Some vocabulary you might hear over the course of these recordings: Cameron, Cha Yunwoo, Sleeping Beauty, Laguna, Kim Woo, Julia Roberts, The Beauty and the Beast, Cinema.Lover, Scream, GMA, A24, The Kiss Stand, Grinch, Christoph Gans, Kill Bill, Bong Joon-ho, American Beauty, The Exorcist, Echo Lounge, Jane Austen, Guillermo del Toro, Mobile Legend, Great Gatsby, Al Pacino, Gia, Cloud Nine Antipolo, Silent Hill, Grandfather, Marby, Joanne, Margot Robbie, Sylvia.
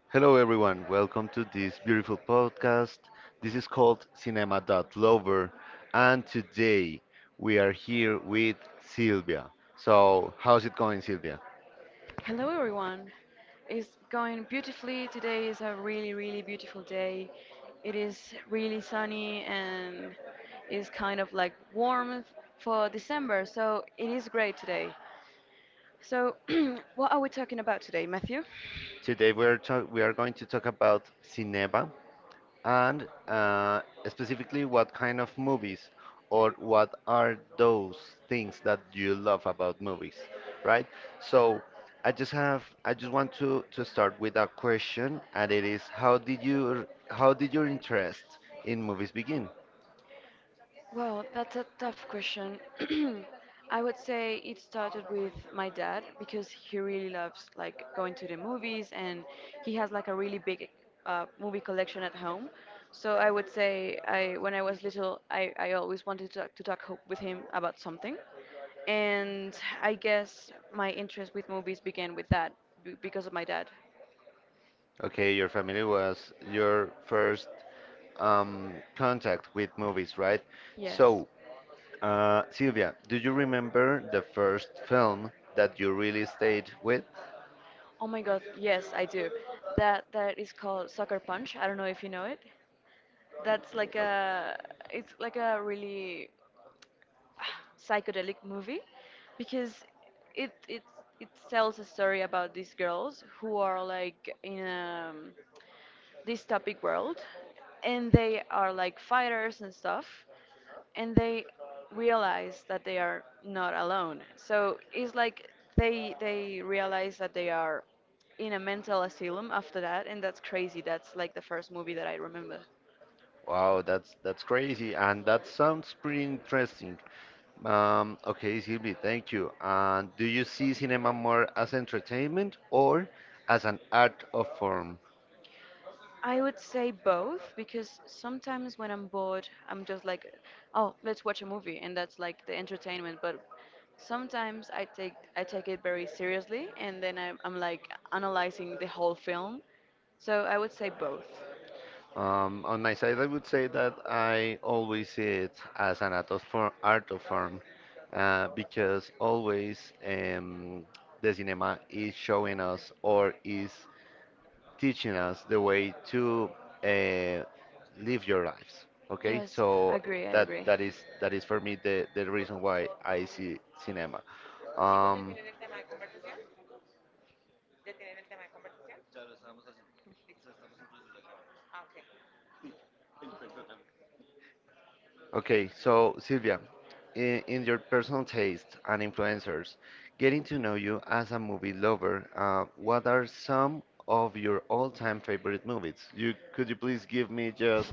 Hello, everyone. Welcome to this beautiful podcast. This is called Cinema.Lover, and today we are here with Sylvia. So, how's it going, Sylvia? Hello everyone. It's going beautifully. Today is a really beautiful day. It is really sunny and is kind of like warm for December. So it is great today. So what are we talking about today, Matthew? Today we are, we are going to talk about cinema. And Specifically, what kind of movies or what are those things that you love about movies, right? So I just want to start with a question, and it is how did your interest in movies begin? Well, that's a tough question. I would say it started with my dad because he really loves like going to the movies and he has like a really big movie collection at home. So I would say I when I was little I always wanted to with him about something. And I guess my interest with movies began with that because of my dad. Okay, your family was your first contact with movies, right? Yes. So, Sylvia, do you remember the first film that you really stayed with? Oh my god, yes, I do. That is called Sucker Punch. I don't know if you know it. That's like a It's like a really psychedelic movie because it it it tells a story about these girls who are like in a this topic world, and they are like fighters and stuff, and they realize that they are not alone. So it's like they realize that they are in a mental asylum after that, and that's crazy. That's like the first movie that I remember. Wow, that's crazy, and that sounds pretty interesting. Okay, Sylvie, thank you. And do you see cinema more as entertainment or as an art of form? I would say both because sometimes when I'm bored, I'm just like, oh, let's watch a movie, and that's like the entertainment. But sometimes I take it very seriously, and then I'm like analyzing the whole film. So I would say both. On my side, I would say that I always see it as an art of form, because always the cinema is showing us or is teaching us the way to uh, live your lives. Okay, Yes, so I agree. That is for me the reason why I see cinema. Um, okay, so Sylvia, in your personal taste and influencers, getting to know you as a movie lover, what are some of your all-time favorite movies? You please give me just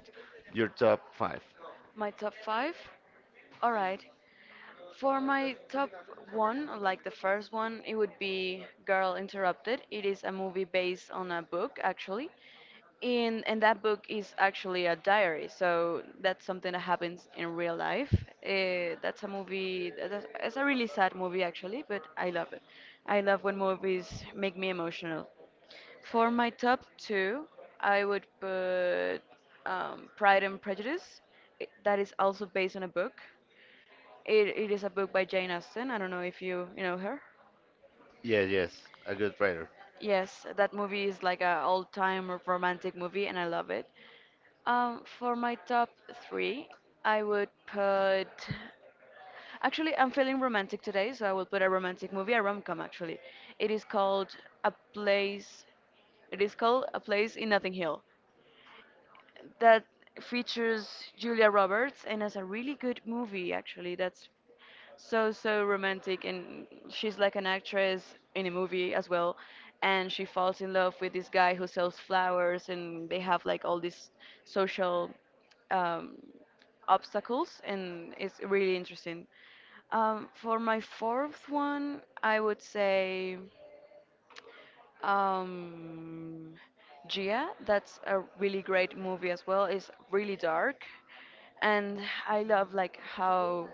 your top five? My top five? All right. For my top one, like the first one, it would be Girl Interrupted. It is a movie based on a book, actually. In and that book is actually a diary, so that's something that happens in real life. That's a movie. It's a really sad movie, actually, but I love it. I love when movies make me emotional. For my top two, I would put Pride and Prejudice. That is also based on a book. It is a book by Jane Austen. I don't know if you know her. Yeah, a good writer. Yes, that movie is like a all-time romantic movie, and I love it. For my top three, I would put. Actually, I'm feeling romantic today, so I will put a romantic movie, a rom-com actually. It is called A Place. It is called A Place in Nothing Hill. That features Julia Roberts and is a really good movie actually. That's so so romantic, and she's like an actress in a movie as well, and she falls in love with this guy who sells flowers, and they have like all these social um, obstacles, and it's really interesting. Um, for my fourth one, I would say um, Gia. That's a really great movie as well. It's really dark, and I love like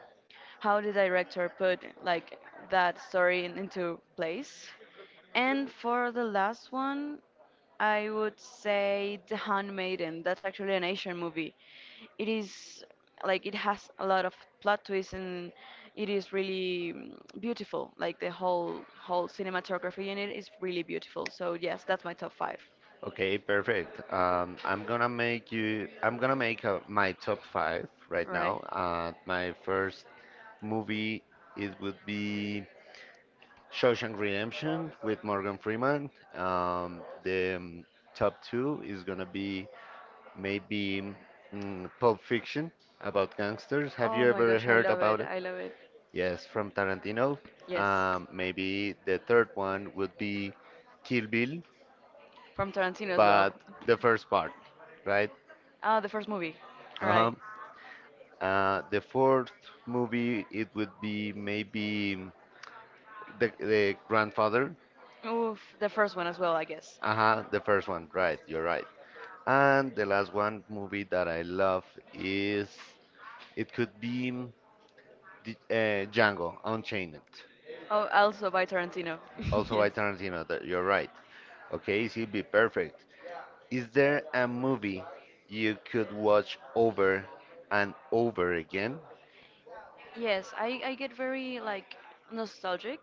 how the director put like that story into place. And for the last one, I would say The Handmaiden. That's actually an Asian movie. It is like it has a lot of plot twists, and it is really beautiful. Like the whole cinematography in it is really beautiful. So yes, that's my top five. Okay, perfect. I'm gonna make you. I'm gonna make my top five right Right? now. My first movie it would be Shawshank Redemption with Morgan Freeman. The top two is gonna be maybe Pulp Fiction about gangsters. Have you Oh my ever gosh, I heard love it. about it? I love it. Yes, from Tarantino. Yes. Maybe the third one would be Kill Bill, From Tarantino as well. but the first part, right? Ah, the first movie. All right. Uh-huh. The fourth movie it would be maybe the grandfather. Oof, the first one as well, I guess. Uh-huh, the first one, right? You're right. And the last one movie that I love is it could be mm, the, Django Unchained, Oh, also by Tarantino. also Yes. by Tarantino. That you're right. Okay, it would be perfect. Is there a movie you could watch over and over again? Yes, I get very like nostalgic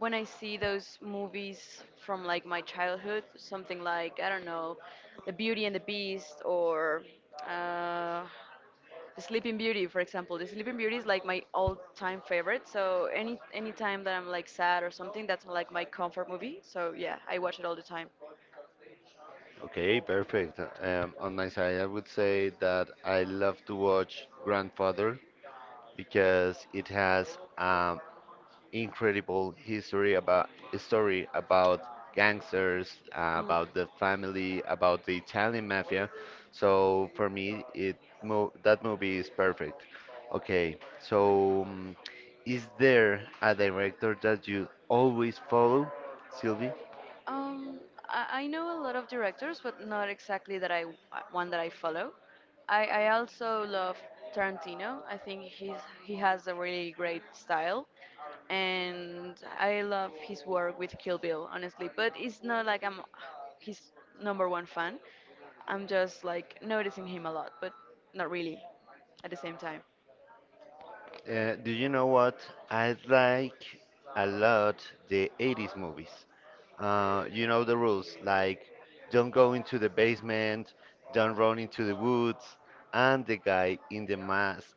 when I see those movies from like my childhood, something like I don't know, The Beauty and the Beast or uh, Sleeping Beauty, for example. The Sleeping Beauty is like my all-time favorite. So any time that I'm like sad or something, that's like my comfort movie. So yeah, I watch it all the time. Okay, perfect. On my side, I would say that I love to watch Grandfather because it has an incredible history about story about gangsters, Mm. about the family, about the Italian mafia. So for me, it mo that movie is perfect. Okay, so is there a director that you always follow, Sylvie? Um, I know a lot of directors, but not exactly that I one that I follow. I also love Tarantino. I think he has a really great style, and I love his work with Kill Bill, honestly. But it's not like I'm his number one fan. I'm just like noticing him a lot, but not really at the same time. Do you know what? I like a lot the 80s movies. You know the rules, like don't go into the basement, don't run into the woods, and the guy in the mask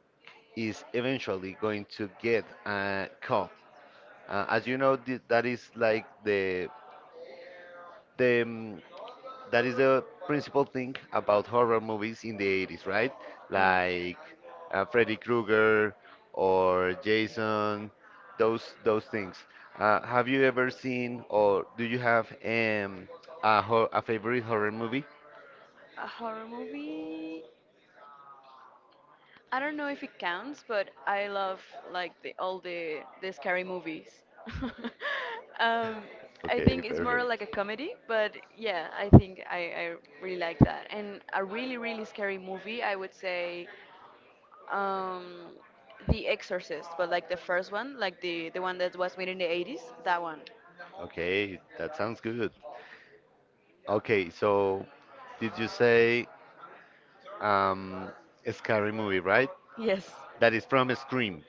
is eventually going to get caught. As you know, that is like the that is the principal thing about horror movies in the 80s, right? Mm. Like Freddy Krueger or Jason, those things. Have you ever seen or do you have a favorite horror movie? A horror movie. I don't know if it counts, but I love like the all the scary movies. Um, I Okay, think it's more perfect. like a comedy, but yeah, I think I really like that. And a really scary movie, I would say, um, The Exorcist, but like the first one, like the one that was made in the 80s, that one. Okay, that sounds good. Okay, so did you say um, a scary movie, right? Yes. That is from Scream.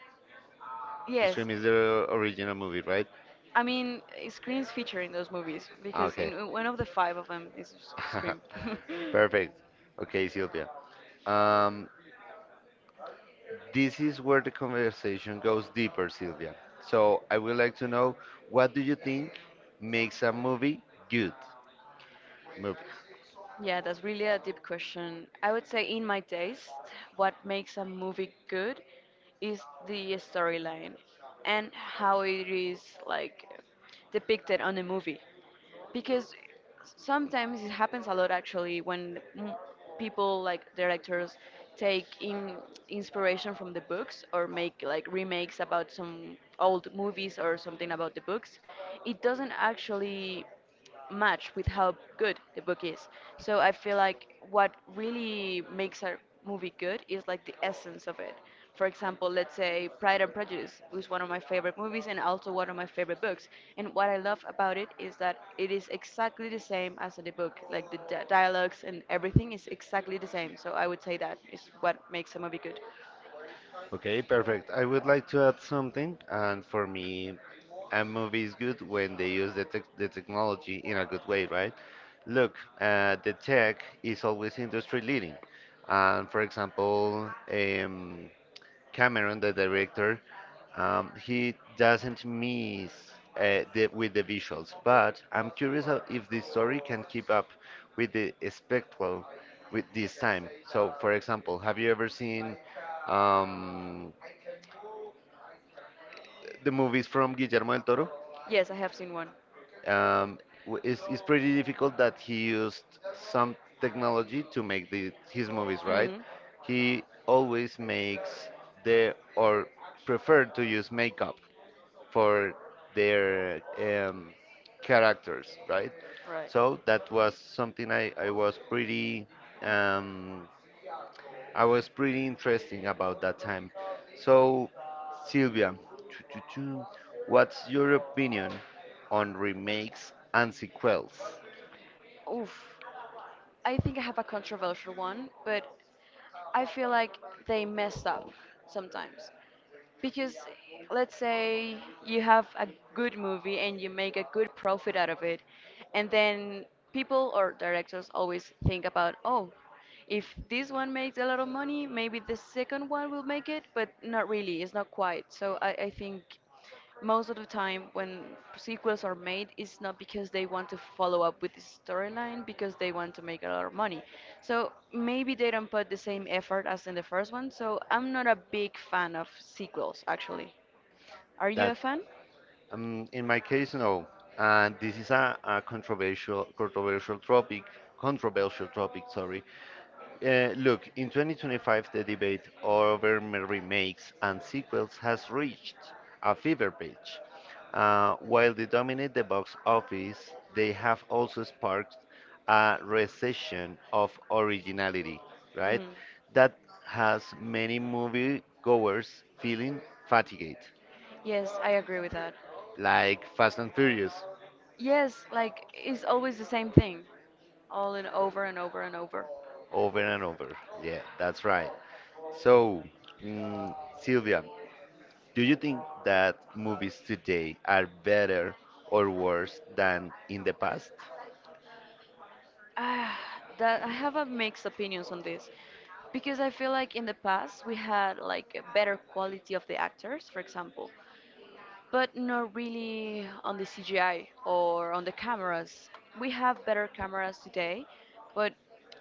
Yes. Scream is the original movie, right? I mean, eh, Scream is featured in those movies Ah, because okay. in one of the five of them is Scream. Perfect. Okay, Sylvia. Um, this is where the conversation goes deeper, Sylvia. So I would like to know what do you think makes a movie good movie? Yeah, that's really a deep question. I would say, in my taste, what makes a movie good is the storyline and how it is like depicted on the movie. Because sometimes it happens a lot actually when people like directors take in inspiration from the books or make like remakes about some old movies or something about the books. It doesn't actually match with how good the book is. So I feel like what really makes a movie good is like the essence of it. For example, let's say Pride and Prejudice was one of my favorite movies and also one of my favorite books. And what I love about it is that it is exactly the same as the book. Like the dialogues and everything is exactly the same. So I would say that is what makes a movie good. Okay, perfect. I would like to add something, and for me, a movie is good when they use the technology in a good way, right? Look, the tech is always industry leading. And for example, Cameron, the director, he doesn't miss with the visuals, but I'm curious if the story can keep up with the spectacle with this time. So, for example, have you ever seen um, the movies from Guillermo del Toro? Yes, I have seen one. Um, it's pretty difficult that he used some technology to make his movies, right? Mm. He always makes the or preferred to use makeup for their characters, right? Right. So that was something I was pretty um, I was pretty interesting about that time. So Sylvia, choo- choo- choo, what's your opinion on remakes and sequels? Oof. I think I have a controversial one, but I feel like they messed up sometimes. Because let's say you have a good movie and you make a good profit out of it, and then people or directors always think about, oh, if this one makes a lot of money, maybe the second one will make it, but not really, it's not quite so. I think most of the time when sequels are made, it's not because they want to follow up with the storyline, because they want to make a lot of money. So maybe they don't put the same effort as in the first one. So I'm not a big fan of sequels, actually. Are you That a fan? In my case, no. And this is a, controversial topic. Controversial topic, sorry. Look, in 2025, the debate over remakes and sequels has reached a fever pitch. While they dominate the box office, they have also sparked a recession of originality, right? Mm. That has many moviegoers feeling fatigued, Yes, I agree with that. like Fast and Furious, Yes, like it's always the same thing, all in over and over and over. over and over. Yeah, that's right. So, mm, Sylvia, do you think that movies today are better or worse than in the past? Ah, that I have a mixed opinions on this because I feel like in the past we had like a better quality of the actors, for example, but not really on the CGI or on the cameras. We have better cameras today, but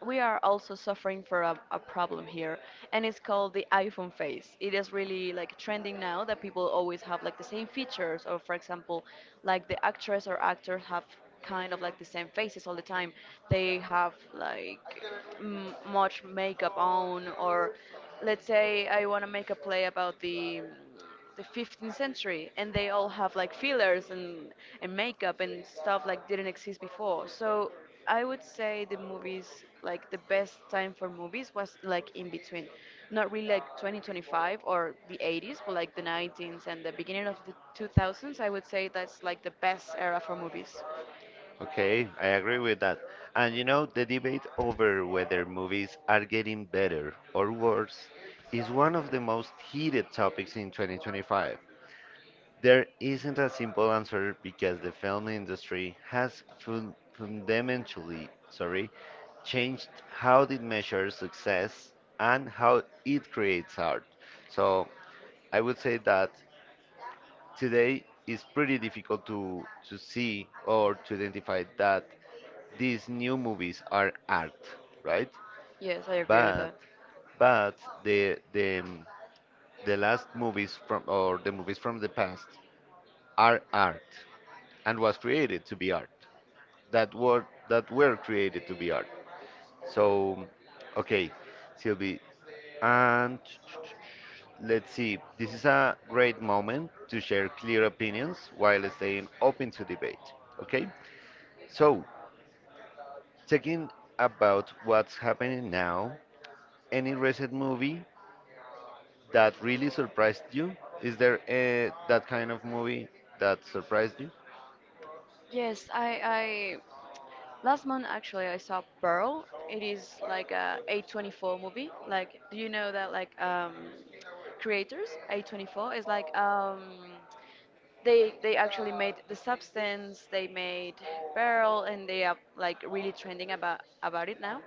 we are also suffering for a problem here, and it's called the iPhone face. It is really like trending now that people always have like the same features, or for example, like the actress or actor have kind of like the same faces all the time. They have like much makeup on, or let's say I want to make a play about the 15th century, and they all have like fillers and makeup and stuff like didn't exist before. So I would say the movies, like the best time for movies, was like in between, not really like 2025 or the 80s, but like the 19s and the beginning of the 2000s. I would say that's like the best era for movies. Okay, I agree with that. And you know, the debate over whether movies are getting better or worse is one of the most heated topics in 2025. There isn't a simple answer because the film industry has fundamentally, sorry, changed how it measures success and how it creates art. So I would say that today, it's pretty difficult to see or to identify that these new movies are art, right? Yes, I agree with But that. but the the the last movies from or the movies from the past are art and was created to be art. That were created to be art. So okay, Sylvie, and let's see. This is a great moment to share clear opinions while staying open to debate. Okay? So, talking about what's happening now, any recent movie that really surprised you? Is there a, that kind of movie that surprised you? Yes, I. Last month, actually, I saw Pearl. It is like a A24 movie. Like, do you know that like creators A24 is like they actually made the substance, they made barrel, and they are like really trending about it now.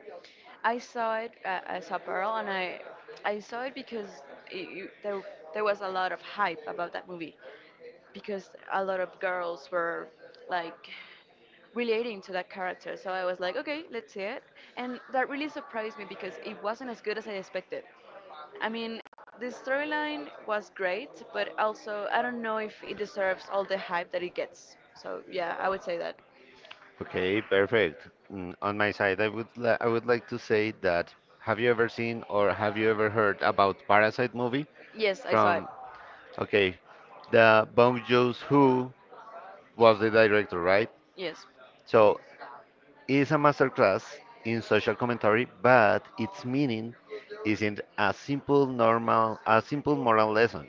I saw it. I saw Pearl, and I saw it because it, you, there was a lot of hype about that movie because a lot of girls were like relating to that character. So I was like, okay, let's see it. And that really surprised me because it wasn't as good as I expected. I mean, the storyline was great, but also I don't know if it deserves all the hype that it gets. So yeah, I would say that. Okay, perfect. On my side, I would like to say that have you ever seen or have you ever heard about Parasite movie Yes, I saw it. from okay, the Bong Joon-ho was the director, right? Yes. So is a masterclass in social commentary, but its meaning isn't a simple normal a simple moral lesson.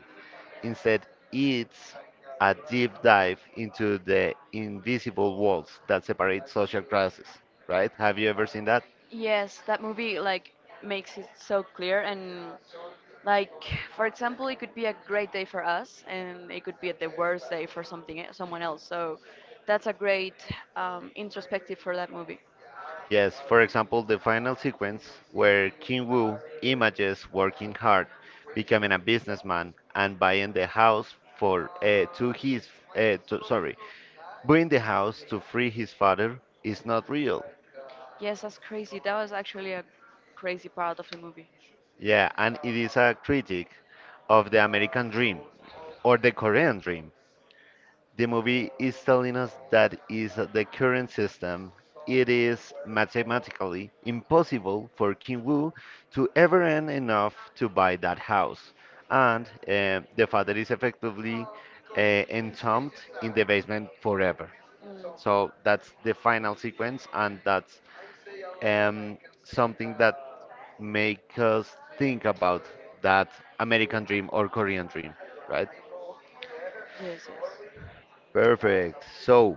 Instead, it's a deep dive into the invisible walls that separate social classes, right? Have you ever seen that? Yes, that movie like makes it so clear, and like for example, it could be a great day for us, and it could be the worst day for something someone else. So that's a great introspective for that movie. Yes, for example, the final sequence where King Wu images working hard, becoming a businessman, and buying the house for to his to, sorry Booing the house to free his father is not real. Yes, that's crazy. That was actually a crazy part of the movie. Yeah, and it is a critic of the American dream or the Korean dream. The movie is telling us that is the current system. It is mathematically impossible for Kim Woo to ever earn enough to buy that house, and the father is effectively entombed in the basement forever. Mm. So that's the final sequence, and that's um, something that make us think about that American dream or Korean dream, right? Yes, yes. Perfect. So,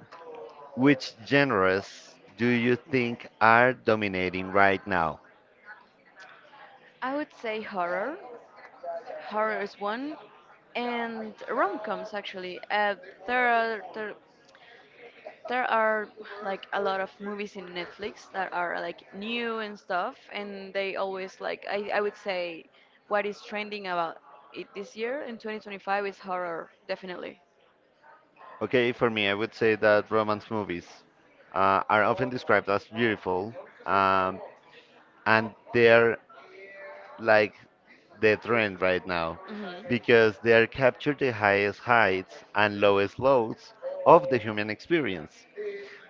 which genres do you think are dominating right now? I would say horror. Horror is one, and rom-coms actually. There are there, there are like a lot of movies in Netflix that are like new and stuff, and they always like I would say what is trending about it this year in 2025 is horror, definitely. Okay, for me, I would say that romance movies are often described as beautiful, um, and they're like the trend right now Hmm. because they are capture the highest heights and lowest lows of the human experience.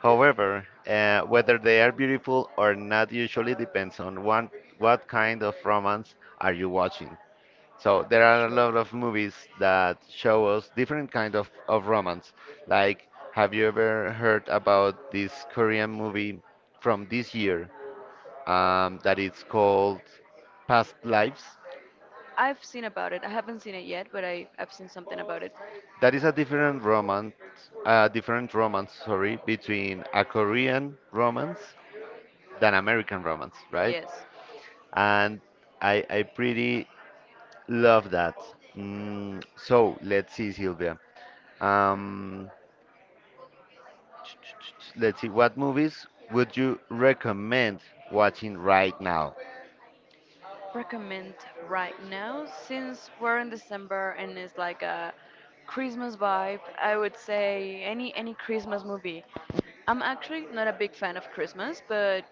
However, whether they are beautiful or not usually depends on one, what kind of romance are you watching. So there are a lot Sure. of movies that show us different of romance. Like, have you ever heard about this Korean movie from this year that is called Past Lives? I've seen about it. I haven't seen it yet, but I've seen something about it. That is a different romance, sorry, between a Korean romance than American romance, right? Yes. And I pretty love that. Mm, so let's see, Sylvia. Um, let's see, what movies would you recommend watching right now? Recommend right now, since we're in December and it's like a Christmas vibe, I would say any Christmas movie. I'm actually not a big fan of Christmas, but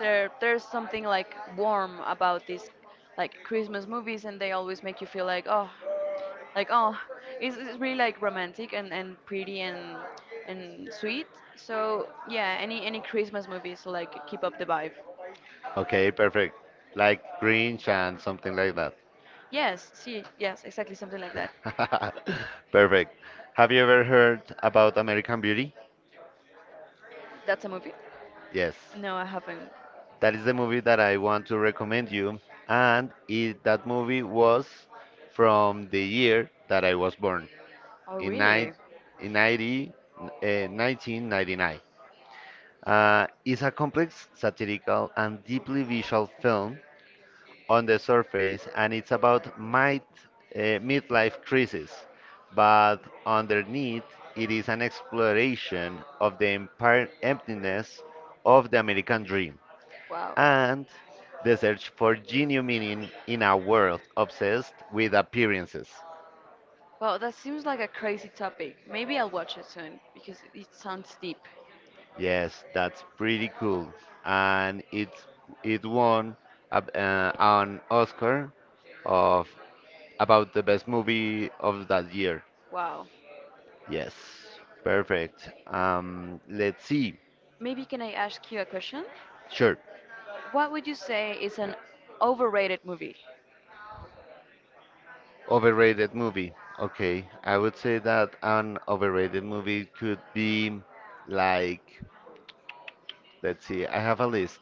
there's something like warm about these like Christmas movies, and they always make you feel like oh it's really like romantic and pretty and sweet. So yeah, any Christmas movies like keep up the vibe. Okay, perfect. Like Grinch and something like that. Yes, see, yes, exactly, something like that. Perfect. Have you ever heard about American Beauty? That's a movie? Yes. No, I haven't. That is the movie that I want to recommend you. And it, that movie was from the year that I was born, Oh, in, nine really? in 90, uh, 1999. It's a complex, satirical, and deeply visual film on the surface, and it's about midlife crisis. But underneath, it is an exploration of the empire emptiness of the American dream Wow. and the search for genuine meaning in a world obsessed with appearances. Well, that seems like a crazy topic. Maybe I'll watch it soon because it sounds deep. Yes, that's pretty cool, and it won an Oscar of about the best movie of that year. Wow. Yes, perfect. Let's see. Maybe can I ask you a question? Sure, What would you say is an overrated movie? overrated movie. Okay, I would say that an overrated movie could be like, let's see, I have a list.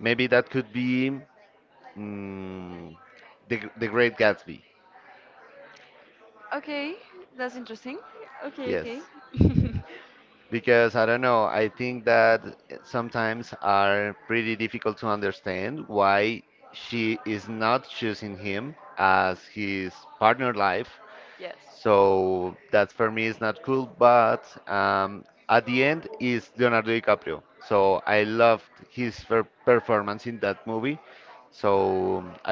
Maybe that could be mm, the Great Gatsby. Okay, that's interesting. Okay, Yes, okay. because I don't know. I think that sometimes are pretty difficult to understand why she is not choosing him as his partner life. Yes. So that for me is not cool, but at the end is Leonardo DiCaprio. So I loved his performance in that movie. So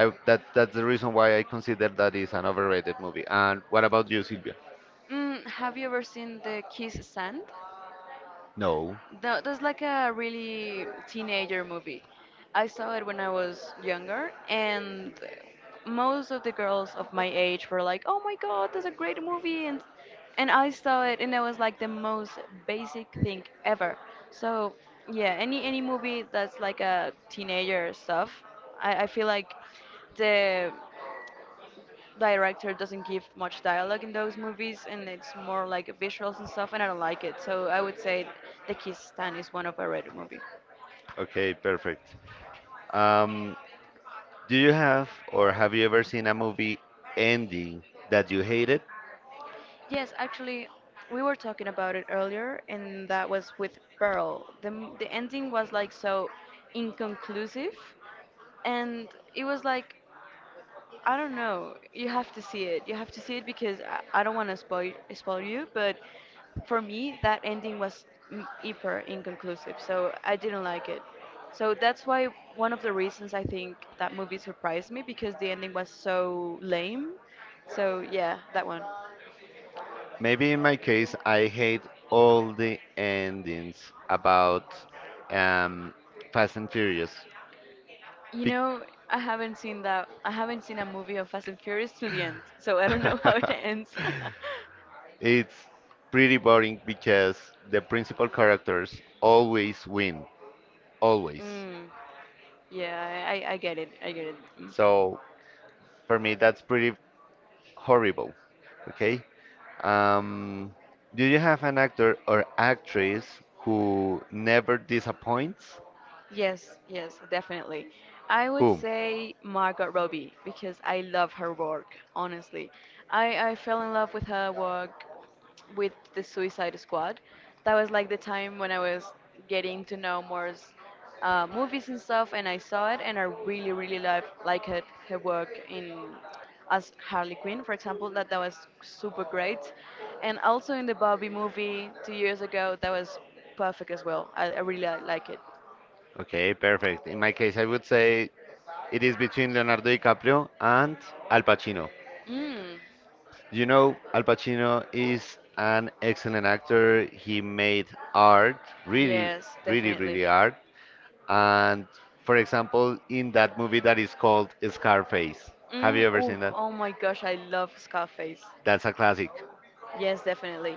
I that that's the reason why I consider that is an overrated movie. And what about you, Silvia? Have you ever seen The Kiss Stand? No. That's like a really teenager movie. I saw it when I was younger, and most of the girls of my age were like, "Oh my God, that's a great movie!" And I saw it, and it was like the most basic thing ever. So yeah, any movie that's like a teenager stuff, I feel like the director doesn't give much dialogue in those movies, and it's more like visuals and stuff, and I don't like it. So I would say The Kiss Stand is one of my rated movie. Okay, perfect. Um, do you have or have you ever seen a movie ending that you hated? Yes, actually, we were talking about it earlier, and that was with Pearl. The the ending was like so inconclusive, and it was like, I don't know. You have to see it. You have to see it because I don't want to spoil you, but for me that ending was hyper inconclusive. So I didn't like it. So that's why one of the reasons I think that movie surprised me because the ending was so lame. So yeah, that one. Maybe in my case, I hate all the endings about um, Fast and Furious. You Be- know, I haven't seen that. I haven't seen a movie of Fast and Furious till the end, so I don't know how it ends. it's pretty boring because the principal characters always win, always. Mm, yeah, I get it. I get it. Mm. So for me, that's pretty horrible. Okay. Um, do you have an actor or actress who never disappoints? Yes, yes, definitely. I would Who? say Margot Robbie because I love her work, honestly. I fell in love with her work with the Suicide Squad. That was like the time when I was getting to know more movies and stuff, and I saw it, and I really, really love like her work in as Harley Quinn, for example. That was super great, and also in the Barbie movie 2 years ago, that was perfect as well. I really like it. Okay, perfect. In my case, I would say it is between Leonardo DiCaprio and Al Pacino. Mm, You know, Al Pacino is an excellent actor. He made art, really, yes, really, definitely. really art. And for example, in that movie that is called Scarface. Have you Mm, ever oh, seen that? oh my gosh, I love Scarface. That's a classic. Yes, definitely.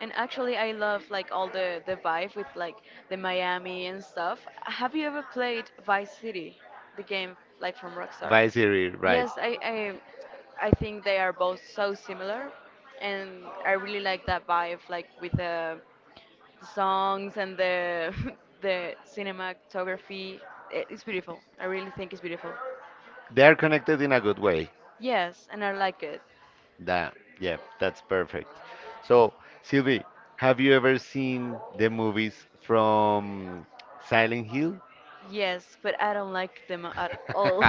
And actually, I love like all the vibe with like the Miami and stuff. Have you ever played Vice City, the game like from Rockstar? By Siri, right. Yes, I think they are both so similar, and I really like that vibe, like with the songs and the the cinematography. It's beautiful. I really think it's beautiful. They are connected in a good way. Yes, and I like it. That, yeah, that's perfect. So, Sylvie, have you ever seen the movies from Silent Hill? Yes, but I don't like them at all.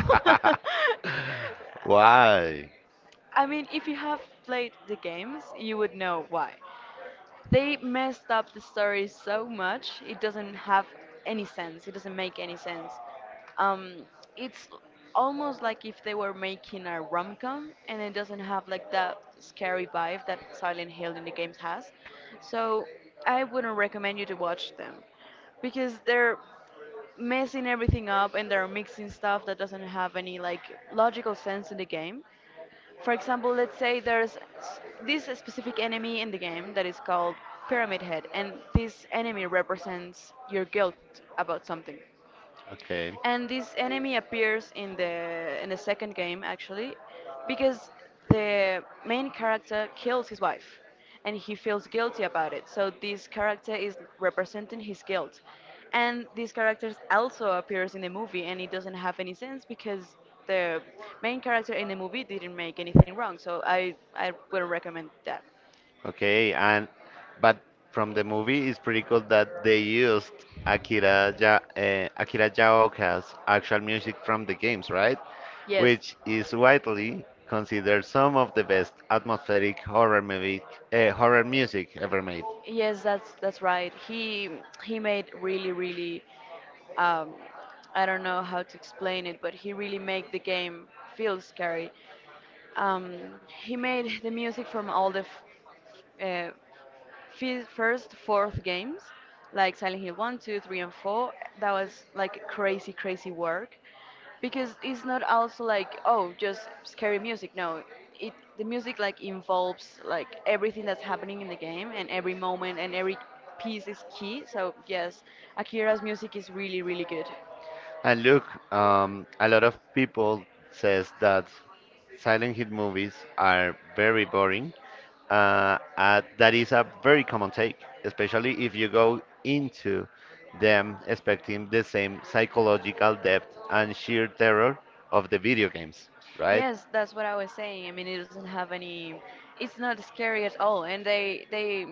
Why? I mean, if you have played the games, you would know why. They messed up the story so much, it doesn't have any sense. It doesn't make any sense. Um, it's almost like if they were making a rom-com and it doesn't have like that scary vibe that Silent Hill in the games has. So I wouldn't recommend you to watch them because they're messing everything up and they're mixing stuff that doesn't have any like logical sense in the game. For example, let's say there's this specific enemy in the game that is called Pyramid Head, and this enemy represents your guilt about something, Okay. and this enemy appears in the second game, actually, because the main character kills his wife and he feels guilty about it, so this character is representing his guilt. And this character also appears in the movie, and it doesn't have any sense because the main character in the movie didn't make anything wrong. So I wouldn't recommend that. Okay, and but from the movie, it's pretty cool that they used Akira Yaoka's actual music from the games, right? Yes. Which is widely considered some of the best atmospheric horror music ever made. Yes, that's right. He made really, really um, I don't know how to explain it, but he really made the game feel scary. Um, he made the music from all the uh, first fourth games, like Silent Hill One, 2, 3, and 4. That was like crazy, crazy work. Because it's not also like, oh, just scary music. No, it the music like involves like everything that's happening in the game, and every moment and every piece is key. So yes, Akira's music is really, really good. And look, a lot of people says that silent hit movies are very boring. That is a very common take, especially if you go into them expecting the same psychological depth and sheer terror of the video games, right? Yes, that's what I was saying. I mean, it doesn't have any. It's not scary at all, and they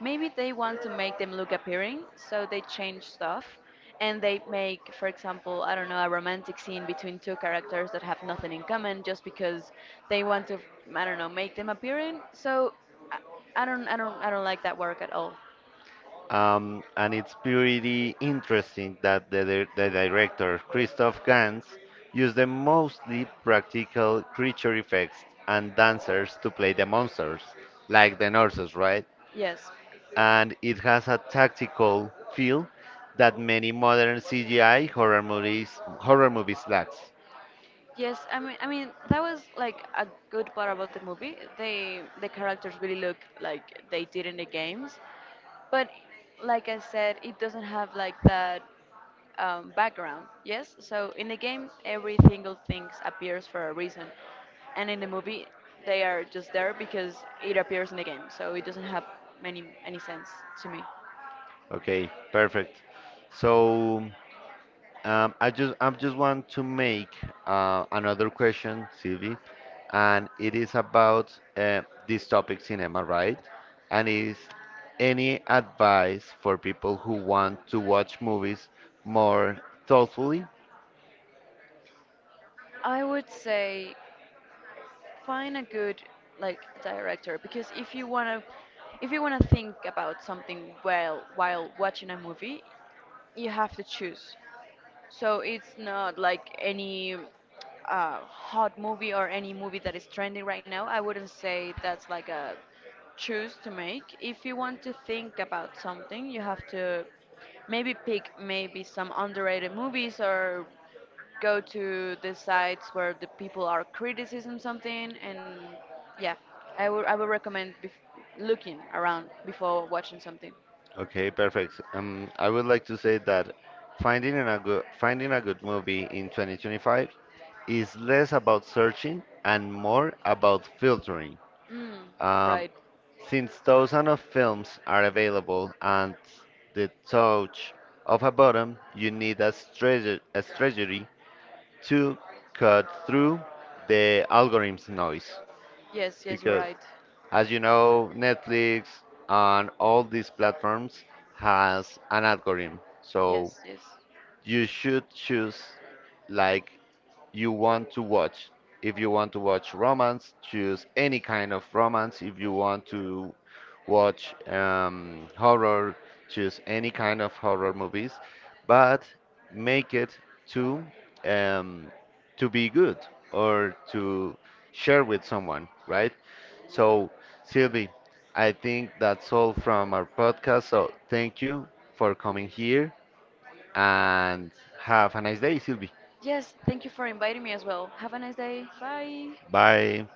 maybe they want to make them look appealing, so they change stuff, and they make, for example, I don't know, a romantic scene between two characters that have nothing in common, just because they want to, I don't know, make them appealing. So I don't I don't like that work at all. And it's pretty interesting that the director, Christoph Gans, used the mostly practical creature effects and dancers to play the monsters, like the nurses, right? Yes. And it has a tactical feel that many modern CGI horror movies lacks. Yes, I mean that was like a good part about the movie. They the characters really look like they did in the games. But like I said, it doesn't have like that background, yes? So in the game, every single thing appears for a reason. And in the movie, they are just there because it appears in the game. So it doesn't have many any sense to me. Okay, perfect. So I just want to make another question, Sylvie, and it is about this topic cinema, right? And is any advice for people who want to watch movies more thoughtfully? I would say find a good like director, because if you wanna think about something well while watching a movie, you have to choose. So it's not like any hot movie or any movie that is trending right now. I wouldn't say that's like a choose to make. If you want to think about something, you have to maybe pick maybe some underrated movies or go to the sites where the people are criticism something. And yeah, I would recommend looking around before watching something. Okay, perfect. I would like to say that finding a good movie in 2025 is less about searching and more about filtering. Mm, Um, right. since thousands of films are available and the touch of a button, you need a strategy to cut through the algorithm's noise. Yes, yes, you're Because right. as you know, Netflix and all these platforms has an algorithm. So Yes, yes. you should choose like you want to watch. If you want to watch romance, choose any kind of romance. If you want to watch horror, choose any kind of horror movies, but make it to um, to be good or to share with someone, right? So, Sylvie, I think that's all from our podcast. So, thank you for coming here and have a nice day, Sylvie. Yes, thank you for inviting me as well. Have a nice day. Bye. Bye.